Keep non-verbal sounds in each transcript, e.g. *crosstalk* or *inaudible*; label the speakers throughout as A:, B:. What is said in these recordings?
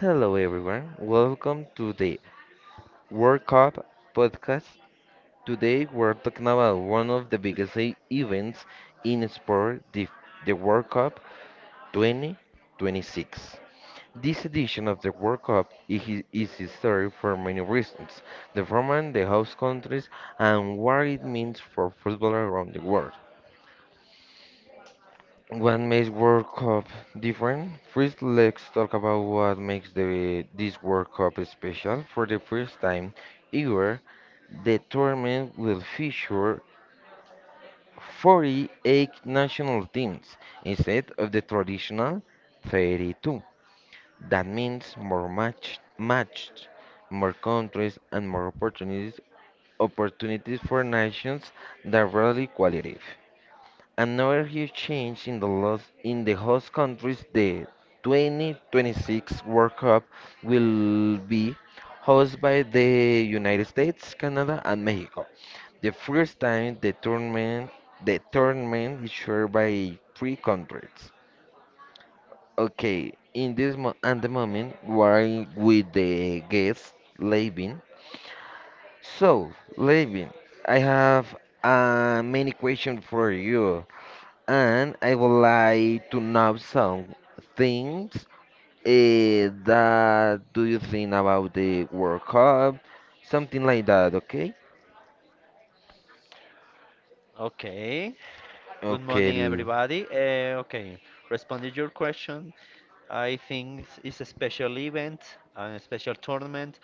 A: Hello, everyone. Welcome to the World Cup podcast. Today, we're talking about one of the biggest events in sport, the World Cup 2026. This edition of the World Cup is, hi- is historic for many reasons: the format, the host countries, and what it means for football around the world. What makes World Cup different? First, let's talk about what makes the this World Cup special. For the first time ever, the tournament will feature 48 national teams instead of the traditional 32. That means more matched, more countries and more opportunities for nations that rarely qualify. Another huge change in the in the host countries, the 2026 World Cup will be hosted by the United States, Canada, and Mexico. The first time the tournament is shared by three countries. Okay, in this mo at the moment we are with the guest Levin. So, Levin, I have many questions for you and I would like to know some things that do you think about the World Cup, something like that, okay?
B: Okay. Good
A: Okay,
B: morning, everybody. Okay, responding to your question, I think it's a special event and a special tournament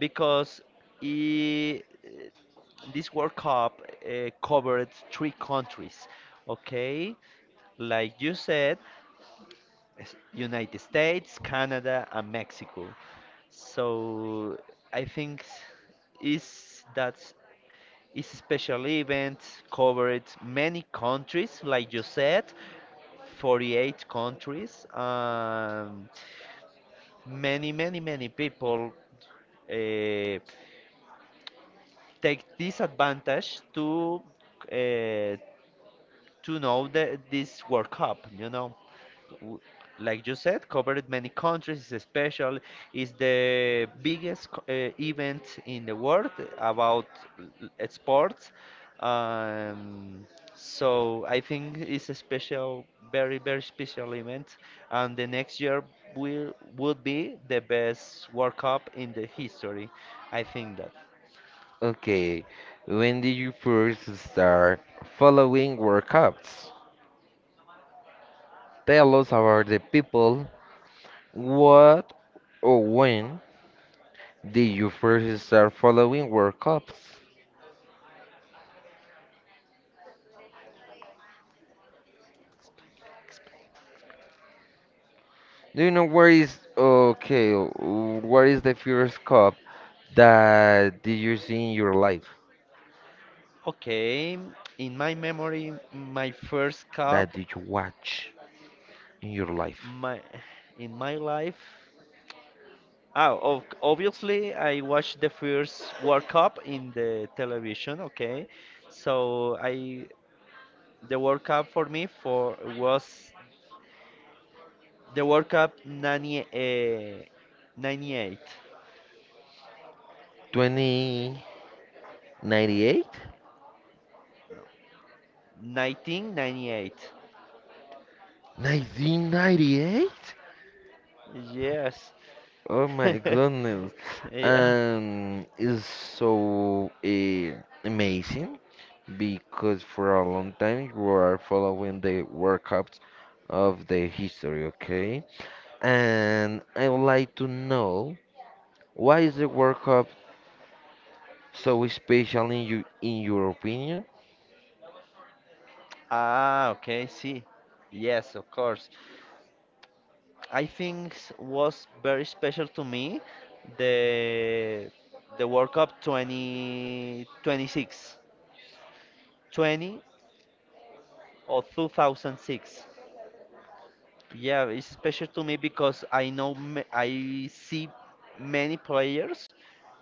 B: because i- this World Cup covered three countries. Okay, like you said, United States, Canada, and Mexico. So I think is that is a special event covered many countries, like you said, 48 countries, many, many, many people uh, take this advantage uh, to know that this World Cup, W- like you said, covered many countries. It's special. It's the biggest event in the world about sports. Um, so I think it's a special, very very special event, and the next year will would be the best World Cup in the history. I think that.
A: okay. When did you first start following World Cups? Tell us about the people. What or when did you first start following World Cups? Do you know where is okay? Where is the first cup that did you see in your life?
B: Okay, in my memory, my first
A: That
B: cup.
A: did you watch in your life?
B: My in my life, oh, ob obviously I watched the first World Cup in the television. Okay, so I the World Cup for me for was the World Cup 90, 98,
A: 2098?
B: 1998.
A: 1998?
B: Yes.
A: Oh my
B: *laughs*
A: goodness.
B: Yeah.
A: It's so amazing because for a long time you are following the World Cups of the history, okay? And I would like to know why is the World Cup so special in your opinion?
B: Ah, okay, see. Yes, of course. I think was very special to me the the World Cup 2026 20 or 2006. Yeah, it's special to me because I know I see many players,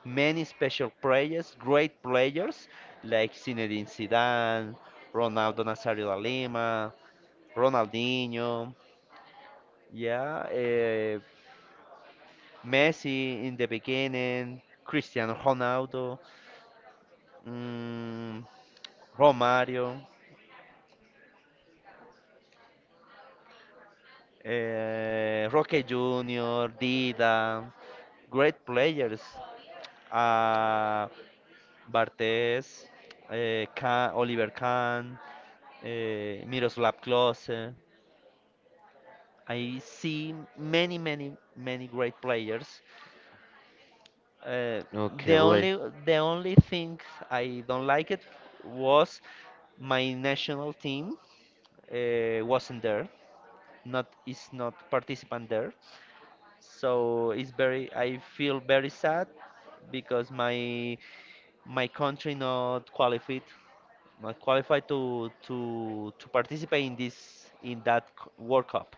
B: many special players, great players like Zinedine Zidane, Ronaldo Nazario da Lima, Ronaldinho. Yeah, Messi in the beginning, Cristiano Ronaldo, mm, Romario, Roque Junior, Dida, great players. Uh, Bartes, Oliver Kahn, Miroslav Klose. I see many, many, many great players. Uh,
A: Okay,
B: the
A: le
B: only, the only thing I don't like it was my national team wasn't there, not participant there, so it's very I feel very sad because my country not qualified, to to participate in this, in that World Cup.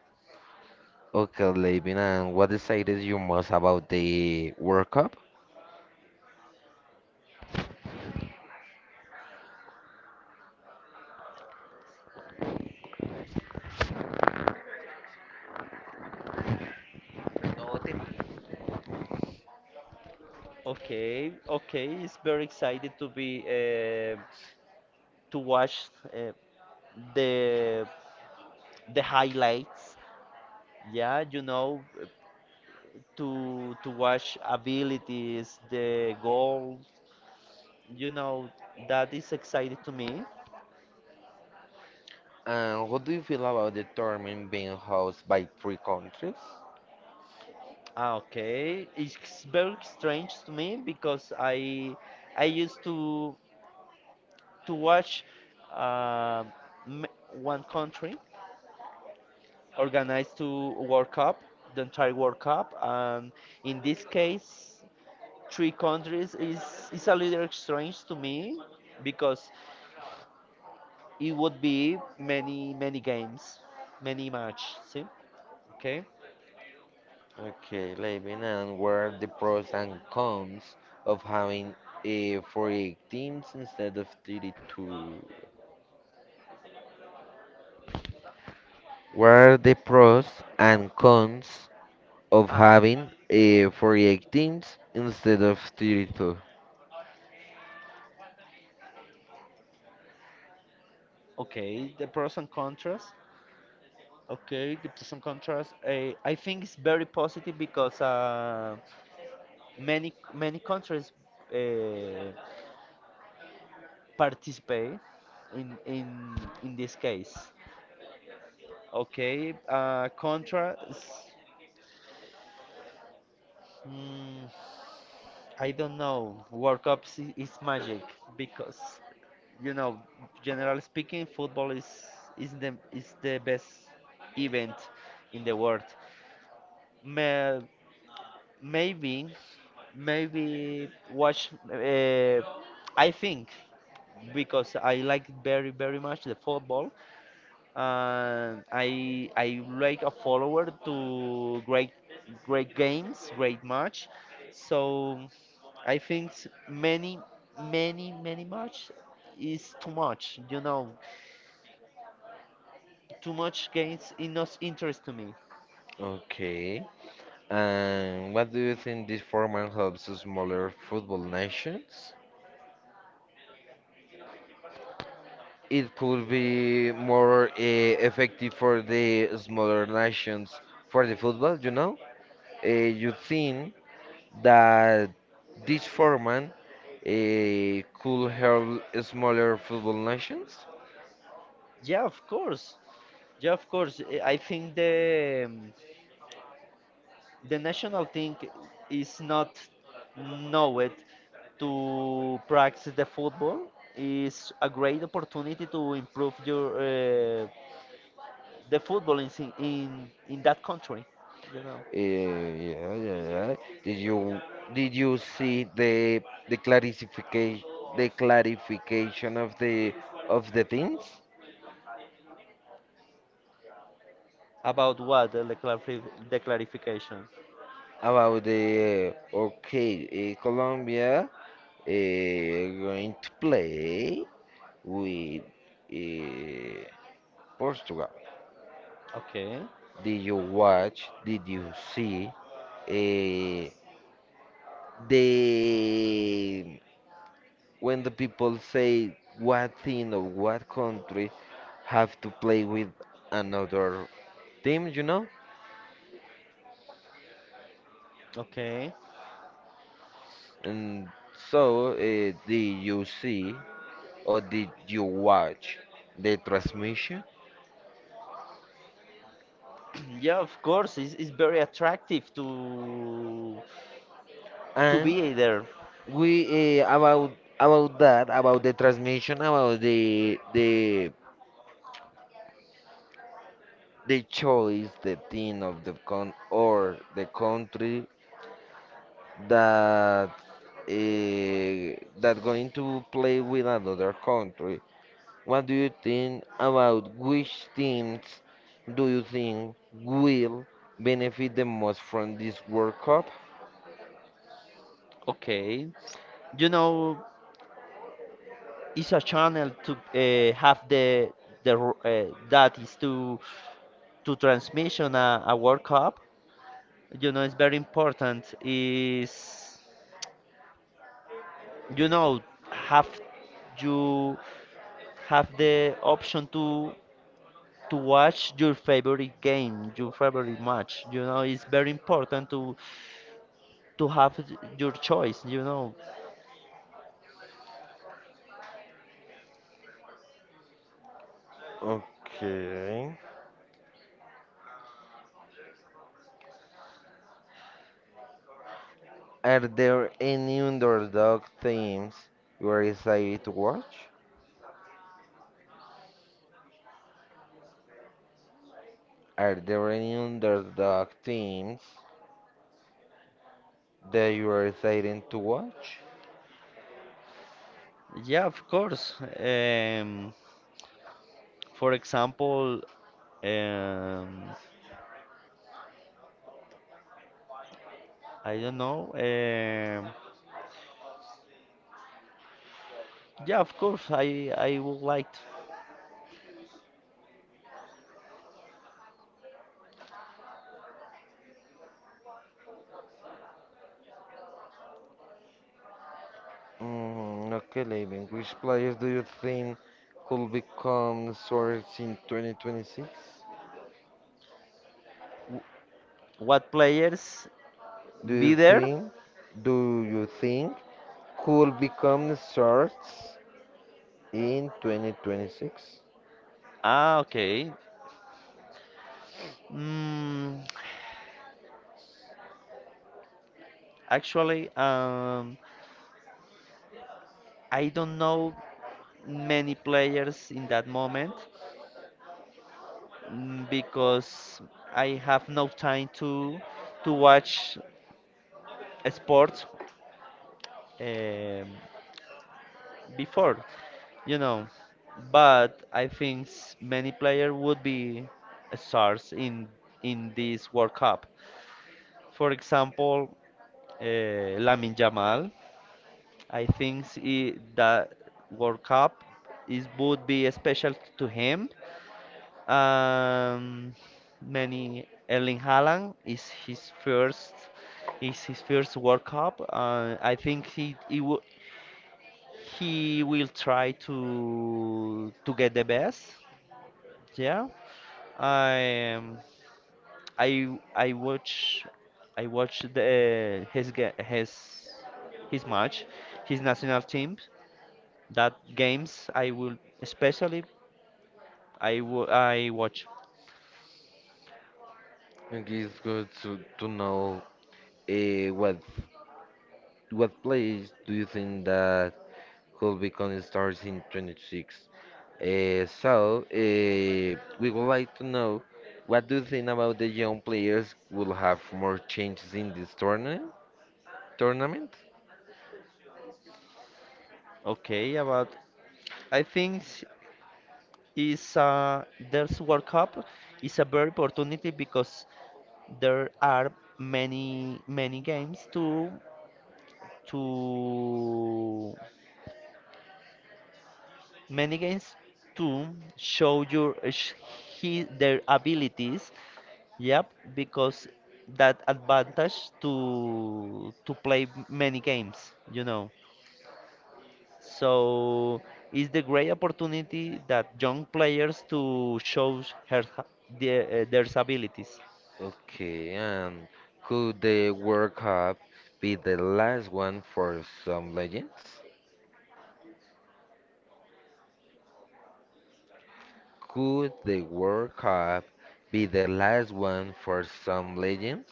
A: Okay, Levin, and what decided you most about the World Cup?
B: Okay, okay, it's very excited to be uh, to watch uh, the the highlights, yeah, to watch abilities, the goals. You know, that is exciting to me.
A: And what do you feel about the tournament being hosted by three countries?
B: Ah, okay, it's very strange to me because I used to watch uh, one country organized to World Cup, the entire World Cup, and in this case, three countries is a little strange to me because it would be many many games, many match. See, okay,
A: Okay, Levin, and what are the pros and cons of having 48 teams instead of 32? What are the pros and cons of
B: ah,
A: having 48 instead of 32?
B: okay, the pros and contras. Okay, give to some contrast. I think it's very positive because many many countries uh, participate in in in this case. Okay, contra. Mm, I don't know. World Cup is magic because, you know, generally speaking, football is the best event in the world. Me, Maybe, maybe watch. I think because I like very very much the football, and I like a follower to great great games, great match. So I think many many many match is too much. You know, too much games is not interest to me.
A: Okay. And what do you think this format helps smaller football nations? It could be more effective for the smaller nations for the football, you know? You think that this format could help smaller football nations?
B: Yeah, of course. Yeah, of course. I think the national thing is not knowed to practice the football, is a great opportunity to improve your the football in that country, you know
A: Yeah, yeah, yeah. Did you did you see the clarification of the things
B: about what, the clarification.
A: about the okay, Colombia going to play with uh, Portugal?
B: Okay,
A: Did you watch? Did you see uh, the when the people say what team or what country have to play with another team, you know?
B: okay.
A: And so, did you see or did you watch the transmission?
B: *clears throat* Yeah, of course, it's very attractive to
A: And
B: be there.
A: we about about the transmission, about the choice, the team of the con or the country that that going to play with another country. What do you think about which teams do you think will benefit the most from this World Cup?
B: Okay, you know it's a channel to have the that is, to transmission a World Cup. You know, it's very important. Is you know have you have the option to watch your favorite game, your favorite match. You know, it's very important to have your choice. You know,
A: Okay. Are there any underdog teams you are excited to watch? Are there any underdog teams that you are excited to watch?
B: yeah, of course. Um, for example, um, I don't know. Yeah of course. I would like to.
A: Okay, Levin. Which players do you think could become stars in 2026?
B: w- What players
A: Do you
B: be there?
A: think? Do you think could become stars in 2026?
B: Ah, okay. Mm, actually, I don't know many players in that moment, because I have no time to watch sports, um, before, you know. But I think many players would be stars in this World Cup. For example, Lamine Yamal. I think that World Cup is would be special to him. Um, many Erling Haaland is his first, World Cup. I think he will try to get the best. Yeah. I I watch I watched the his his match, his national team. That games I will especially, I watch.
A: I think it's good to know. What? What place do you think that could become stars in 26? So, we would like to know what do you think about the young players will have more changes in this tournament?
B: Okay, about, I think is there's World Cup is a very opportunity because there are many many games to to many games too show your their abilities. Yep, because that advantage to play many games, you know. So it's the great opportunity that young players to show her, their abilities.
A: Okay, and could the World Cup be the last one for some legends? Could the World Cup be the last one for some legends?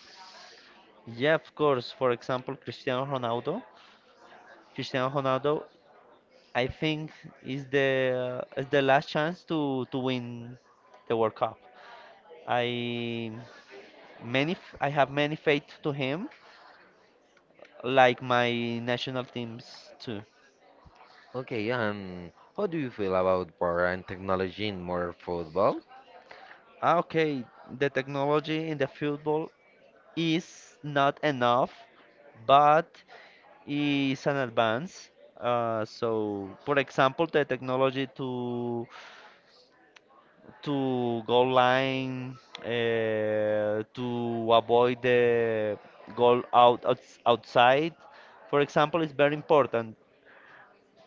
B: Yeah, of course. For example, Cristiano Ronaldo. Cristiano Ronaldo, I think, is the last chance to win the World Cup. I I have many faith to him, like my national teams too.
A: Okay, how do you feel about power and technology in more football?
B: Ah, okay, the technology in the football is not enough, but is an advance. So, for example, the technology to goal line, to avoid the goal out, outside, for example, is very important.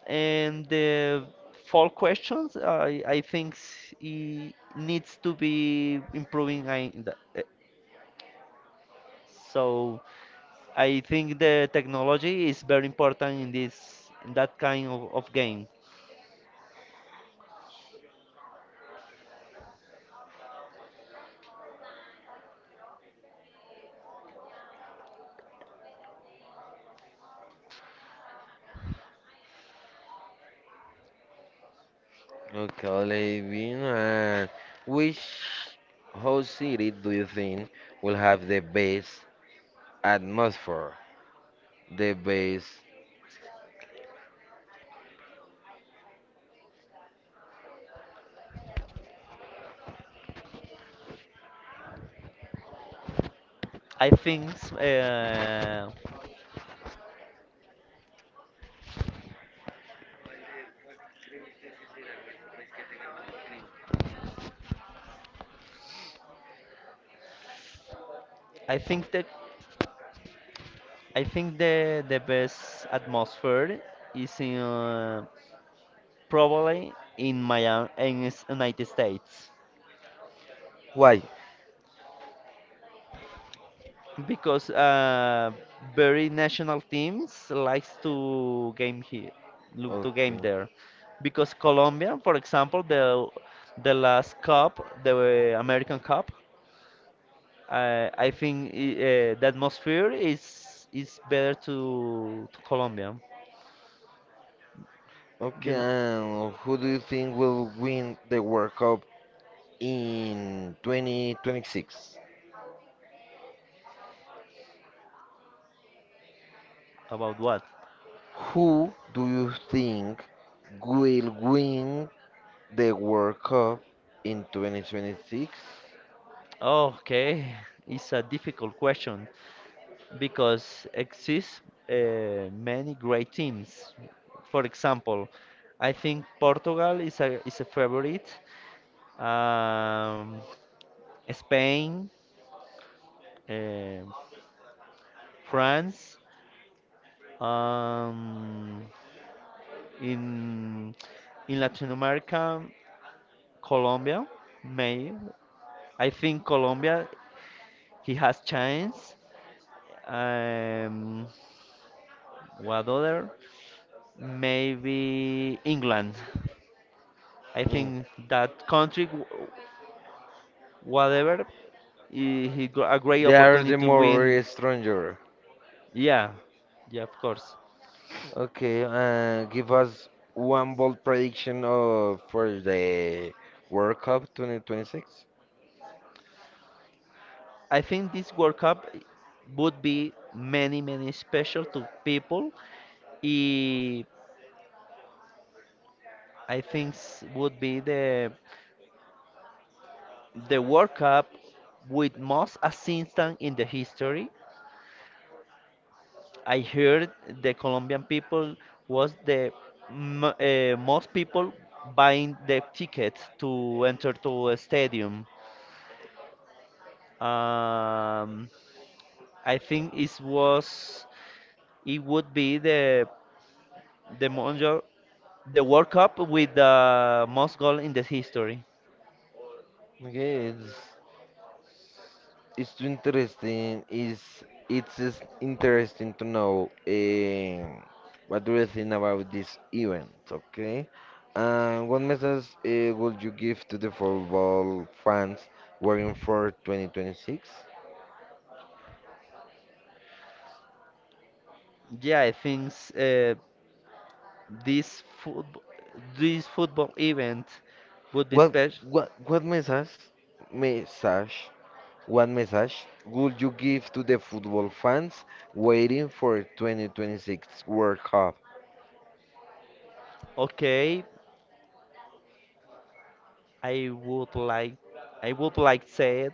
B: And the fall questions, I think it needs to be improving. I, in the- eh, so I think the technology is very important in this, in that kind of game.
A: Okay, Levin, which whole city do you think will have the best atmosphere? The best.
B: I think that I think the best atmosphere is in probably in Miami in United States.
A: Why?
B: Because very national teams likes to game here, look to game
A: Okay.
B: there, because Colombia, for example, the last cup, the American Cup, I think the atmosphere is better to Colombia.
A: Okay,
B: You know
A: and who do you think will win the World Cup in 2026?
B: about what?
A: Who do you think will win the World Cup in 2026?
B: Okay, it's a difficult question, because exist many great teams. For example, I think Portugal is a favorite. Um, Spain, uh, France. Um, in Latin America, Colombia. May, I think Colombia he has chance. Um, what other? Maybe England. I
A: In-
B: think that country, whatever, he got a great
A: They are
B: opportunity
A: the
B: to win.
A: more stronger.
B: Yeah, yeah, of course.
A: Okay, give us one bold prediction of for the World Cup 2026.
B: I think this World Cup would be many, many special to people. I I think would be the World Cup with most assistance in the history. I heard the Colombian people was the m most people buying the tickets to enter to a stadium. Um, I think it was, it would be the Mondial, the World Cup with the most goal in the history.
A: Okay, it's too interesting. Is it's just interesting to know what do you think about this event, okay? And what message would you give to the football fans working for 2026?
B: Yeah, I think this football this football event would be
A: What
B: special.
A: what what message message what message would you give to the football fans waiting for 2026 World Cup?
B: Okay, I would like, say it,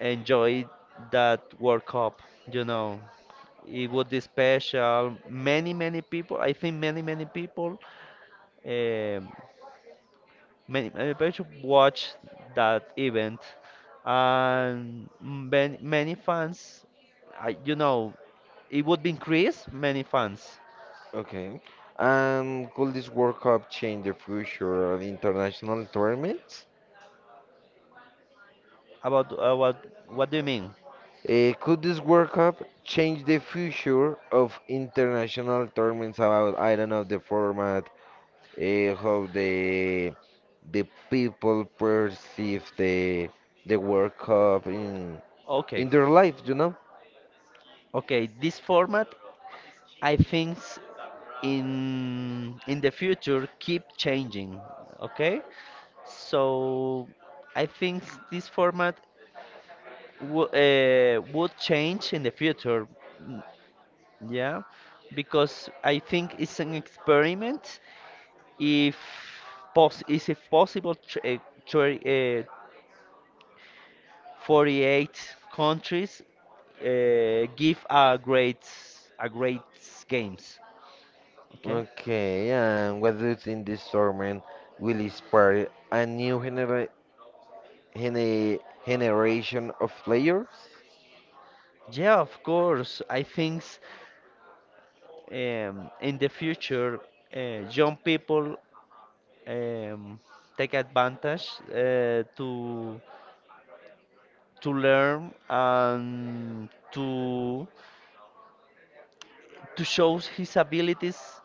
B: enjoy that World Cup, you know. It would be special. Many, many people, I think um, many, many people watch that event. And many, many fans, you know, it would be increase many fans.
A: Okay. And could this World Cup change the future of international tournaments?
B: About, what do you mean?
A: Could this World Cup change the future of international tournaments about, I don't know, the format, how the people perceive the World Cup
B: Okay.
A: in their life, you know?
B: Okay, this format, I think, in the future keep changing. Okay, so I think this format w would change in the future. mm, Yeah because I think it's an experiment. If pos is it possible, tr- uh, 48 countries give a great, a great games. Okay.
A: Okay, and what do you think this tournament will inspire a new gene generation of players?
B: Yeah, of course. I think, in the future, young people, um, take advantage to learn and to show his abilities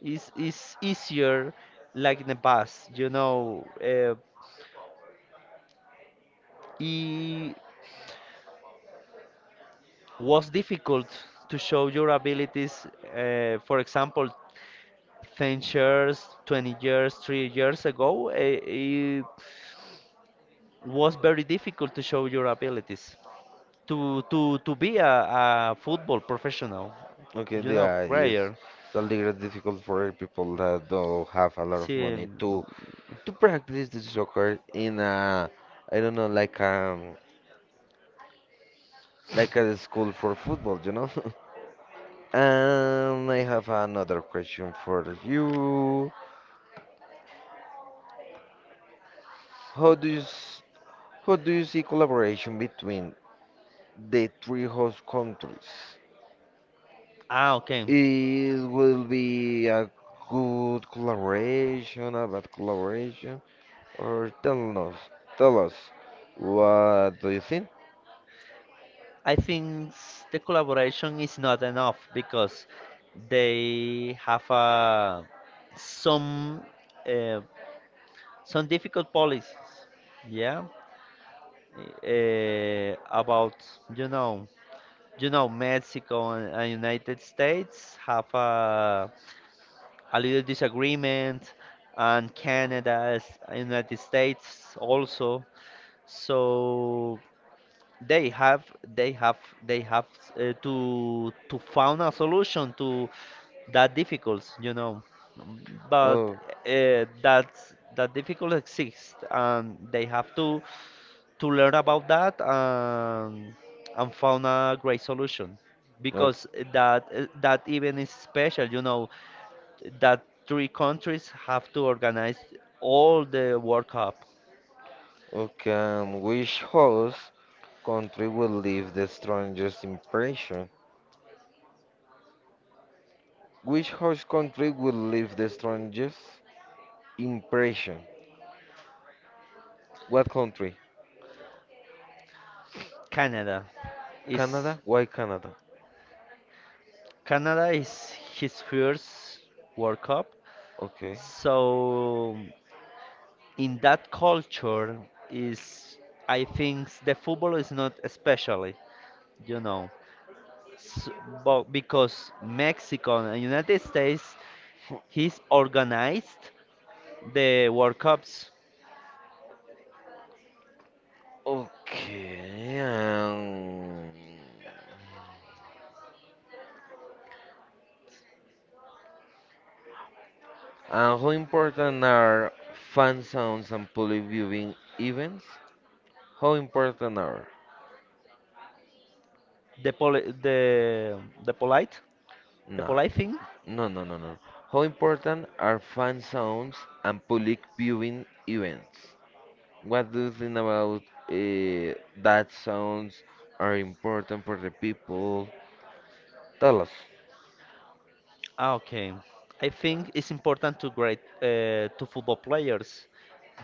B: is easier like in the past. You know, it was difficult to show your abilities. For example, 10 years, 20 years, 3 years ago, it was very difficult to show your abilities. To to be a football professional,
A: Okay,
B: you know,
A: yeah, it's
B: player.
A: something that's difficult for people that don't have a lot of
B: See,
A: money to practice the soccer in a, I don't know, like a school for football, you know. *laughs* And I have another question for you. How do you s- how do you see collaboration between the three host countries?
B: ah, okay.
A: It will be a good collaboration, a bad collaboration. Or tell us, what do you think?
B: I think the collaboration is not enough because they have some uh, some difficult policies. Yeah, about, you know, you know Mexico and United States have a little disagreement, and Canada, United States also. So they have, they have they have to found a solution to that difficult, you know. Um, But
A: Oh,
B: that's, that difficult exists, and they have to learn about that, and found a great solution
A: o-
B: because that, that even is special, you know, that three countries have to organize all the World Cup.
A: okay. Which host country will leave the strongest impression? Which host country will leave the strongest impression? What country?
B: Canada is
A: Canada? Why Canada?
B: Canada is his first World Cup,
A: Okay. *laughs*
B: so in that culture is, I think the football is not especially, you know, S but because Mexico and United States he's organized the World Cups,
A: Okay. And how important are fan sounds and public viewing events? How important are
B: the poli- the the polite, the
A: No,
B: polite thing.
A: no. How important are fan zones and public viewing events? What do you think about uh, that sounds are important for the people? Tell us.
B: Ah, okay, I think it's important to grade, to football players,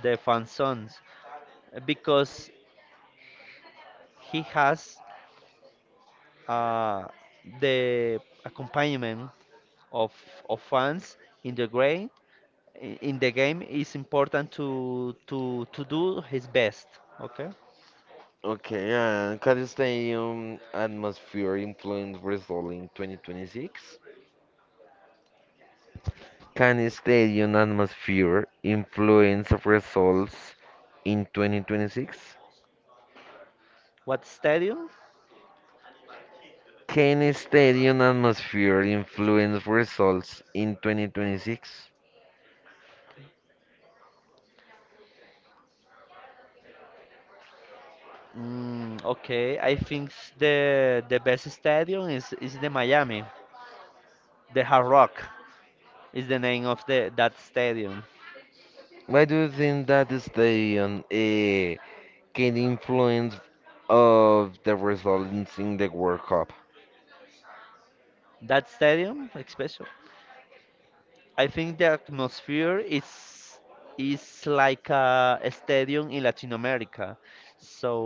B: the fan zones, because he has, uh, the accompaniment of of fans in the grade, in the game. It's important to to do his best. Okay,
A: Okay, and can the stadium atmosphere influence result in 2026? Can the stadium atmosphere influence results in 2026?
B: what stadium?
A: Can stadium atmosphere influence results in 2026?
B: Okay, I think the best stadium is the Miami, the Hard Rock is the name of the, that stadium.
A: Why do you think that the stadium can influence of the results in the World Cup?
B: That stadium like special. I think the atmosphere is like a stadium in Latin America. So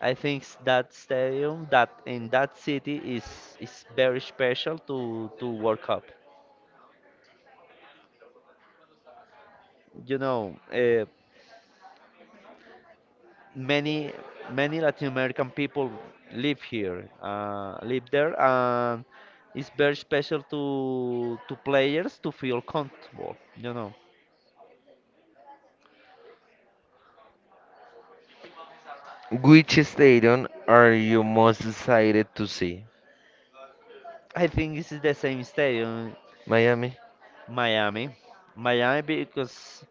B: I think that stadium, that in that city is very special to World Cup. You know, many many Latin American people live here, live there, and it's very special to players to feel comfortable, you know.
A: Which stadium are you most excited to see?
B: I think this is the same stadium,
A: Miami.
B: Miami. Miami because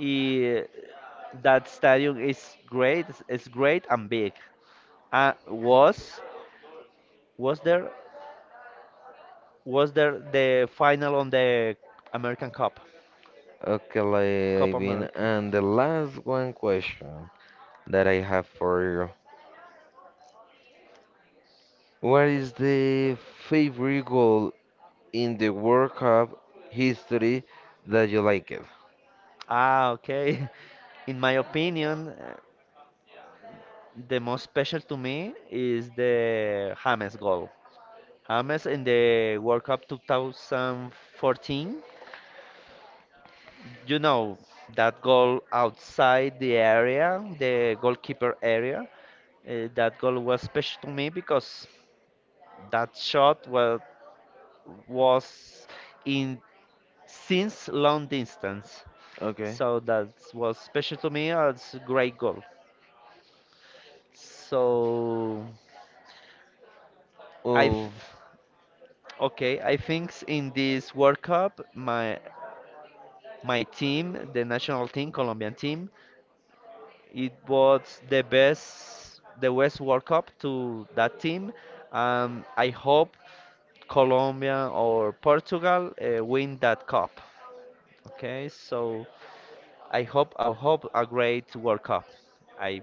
B: i- that stadium is great. It's great and big. Uh, was was there was there the final on the American Cup,
A: Okay,
B: Cup
A: Levin.
B: America?
A: And the last one question that I have for you. What is the favorite goal in the World Cup history that you like it?
B: Ah, okay. *laughs* In my opinion, the most special to me is the James goal. James in the World Cup 2014, you know, that goal outside the area, the goalkeeper area, that goal was special to me because that shot was in since long distance.
A: Okay.
B: So that was special to me. It's a great goal. So, I,
A: Oh,
B: okay, I think in this World Cup, my team, the national team, Colombian team, it was the best World Cup to that team. I hope Colombia or Portugal win that cup. Okay, so I hope a great World Cup. I,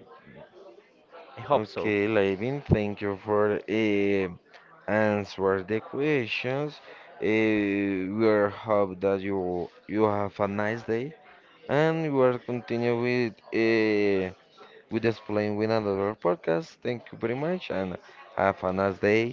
B: I hope so.
A: okay, Levin, thank you for answer the questions. We are hope that you have a nice day, and we will continue with explain with another podcast. Thank you very much, and have a nice day.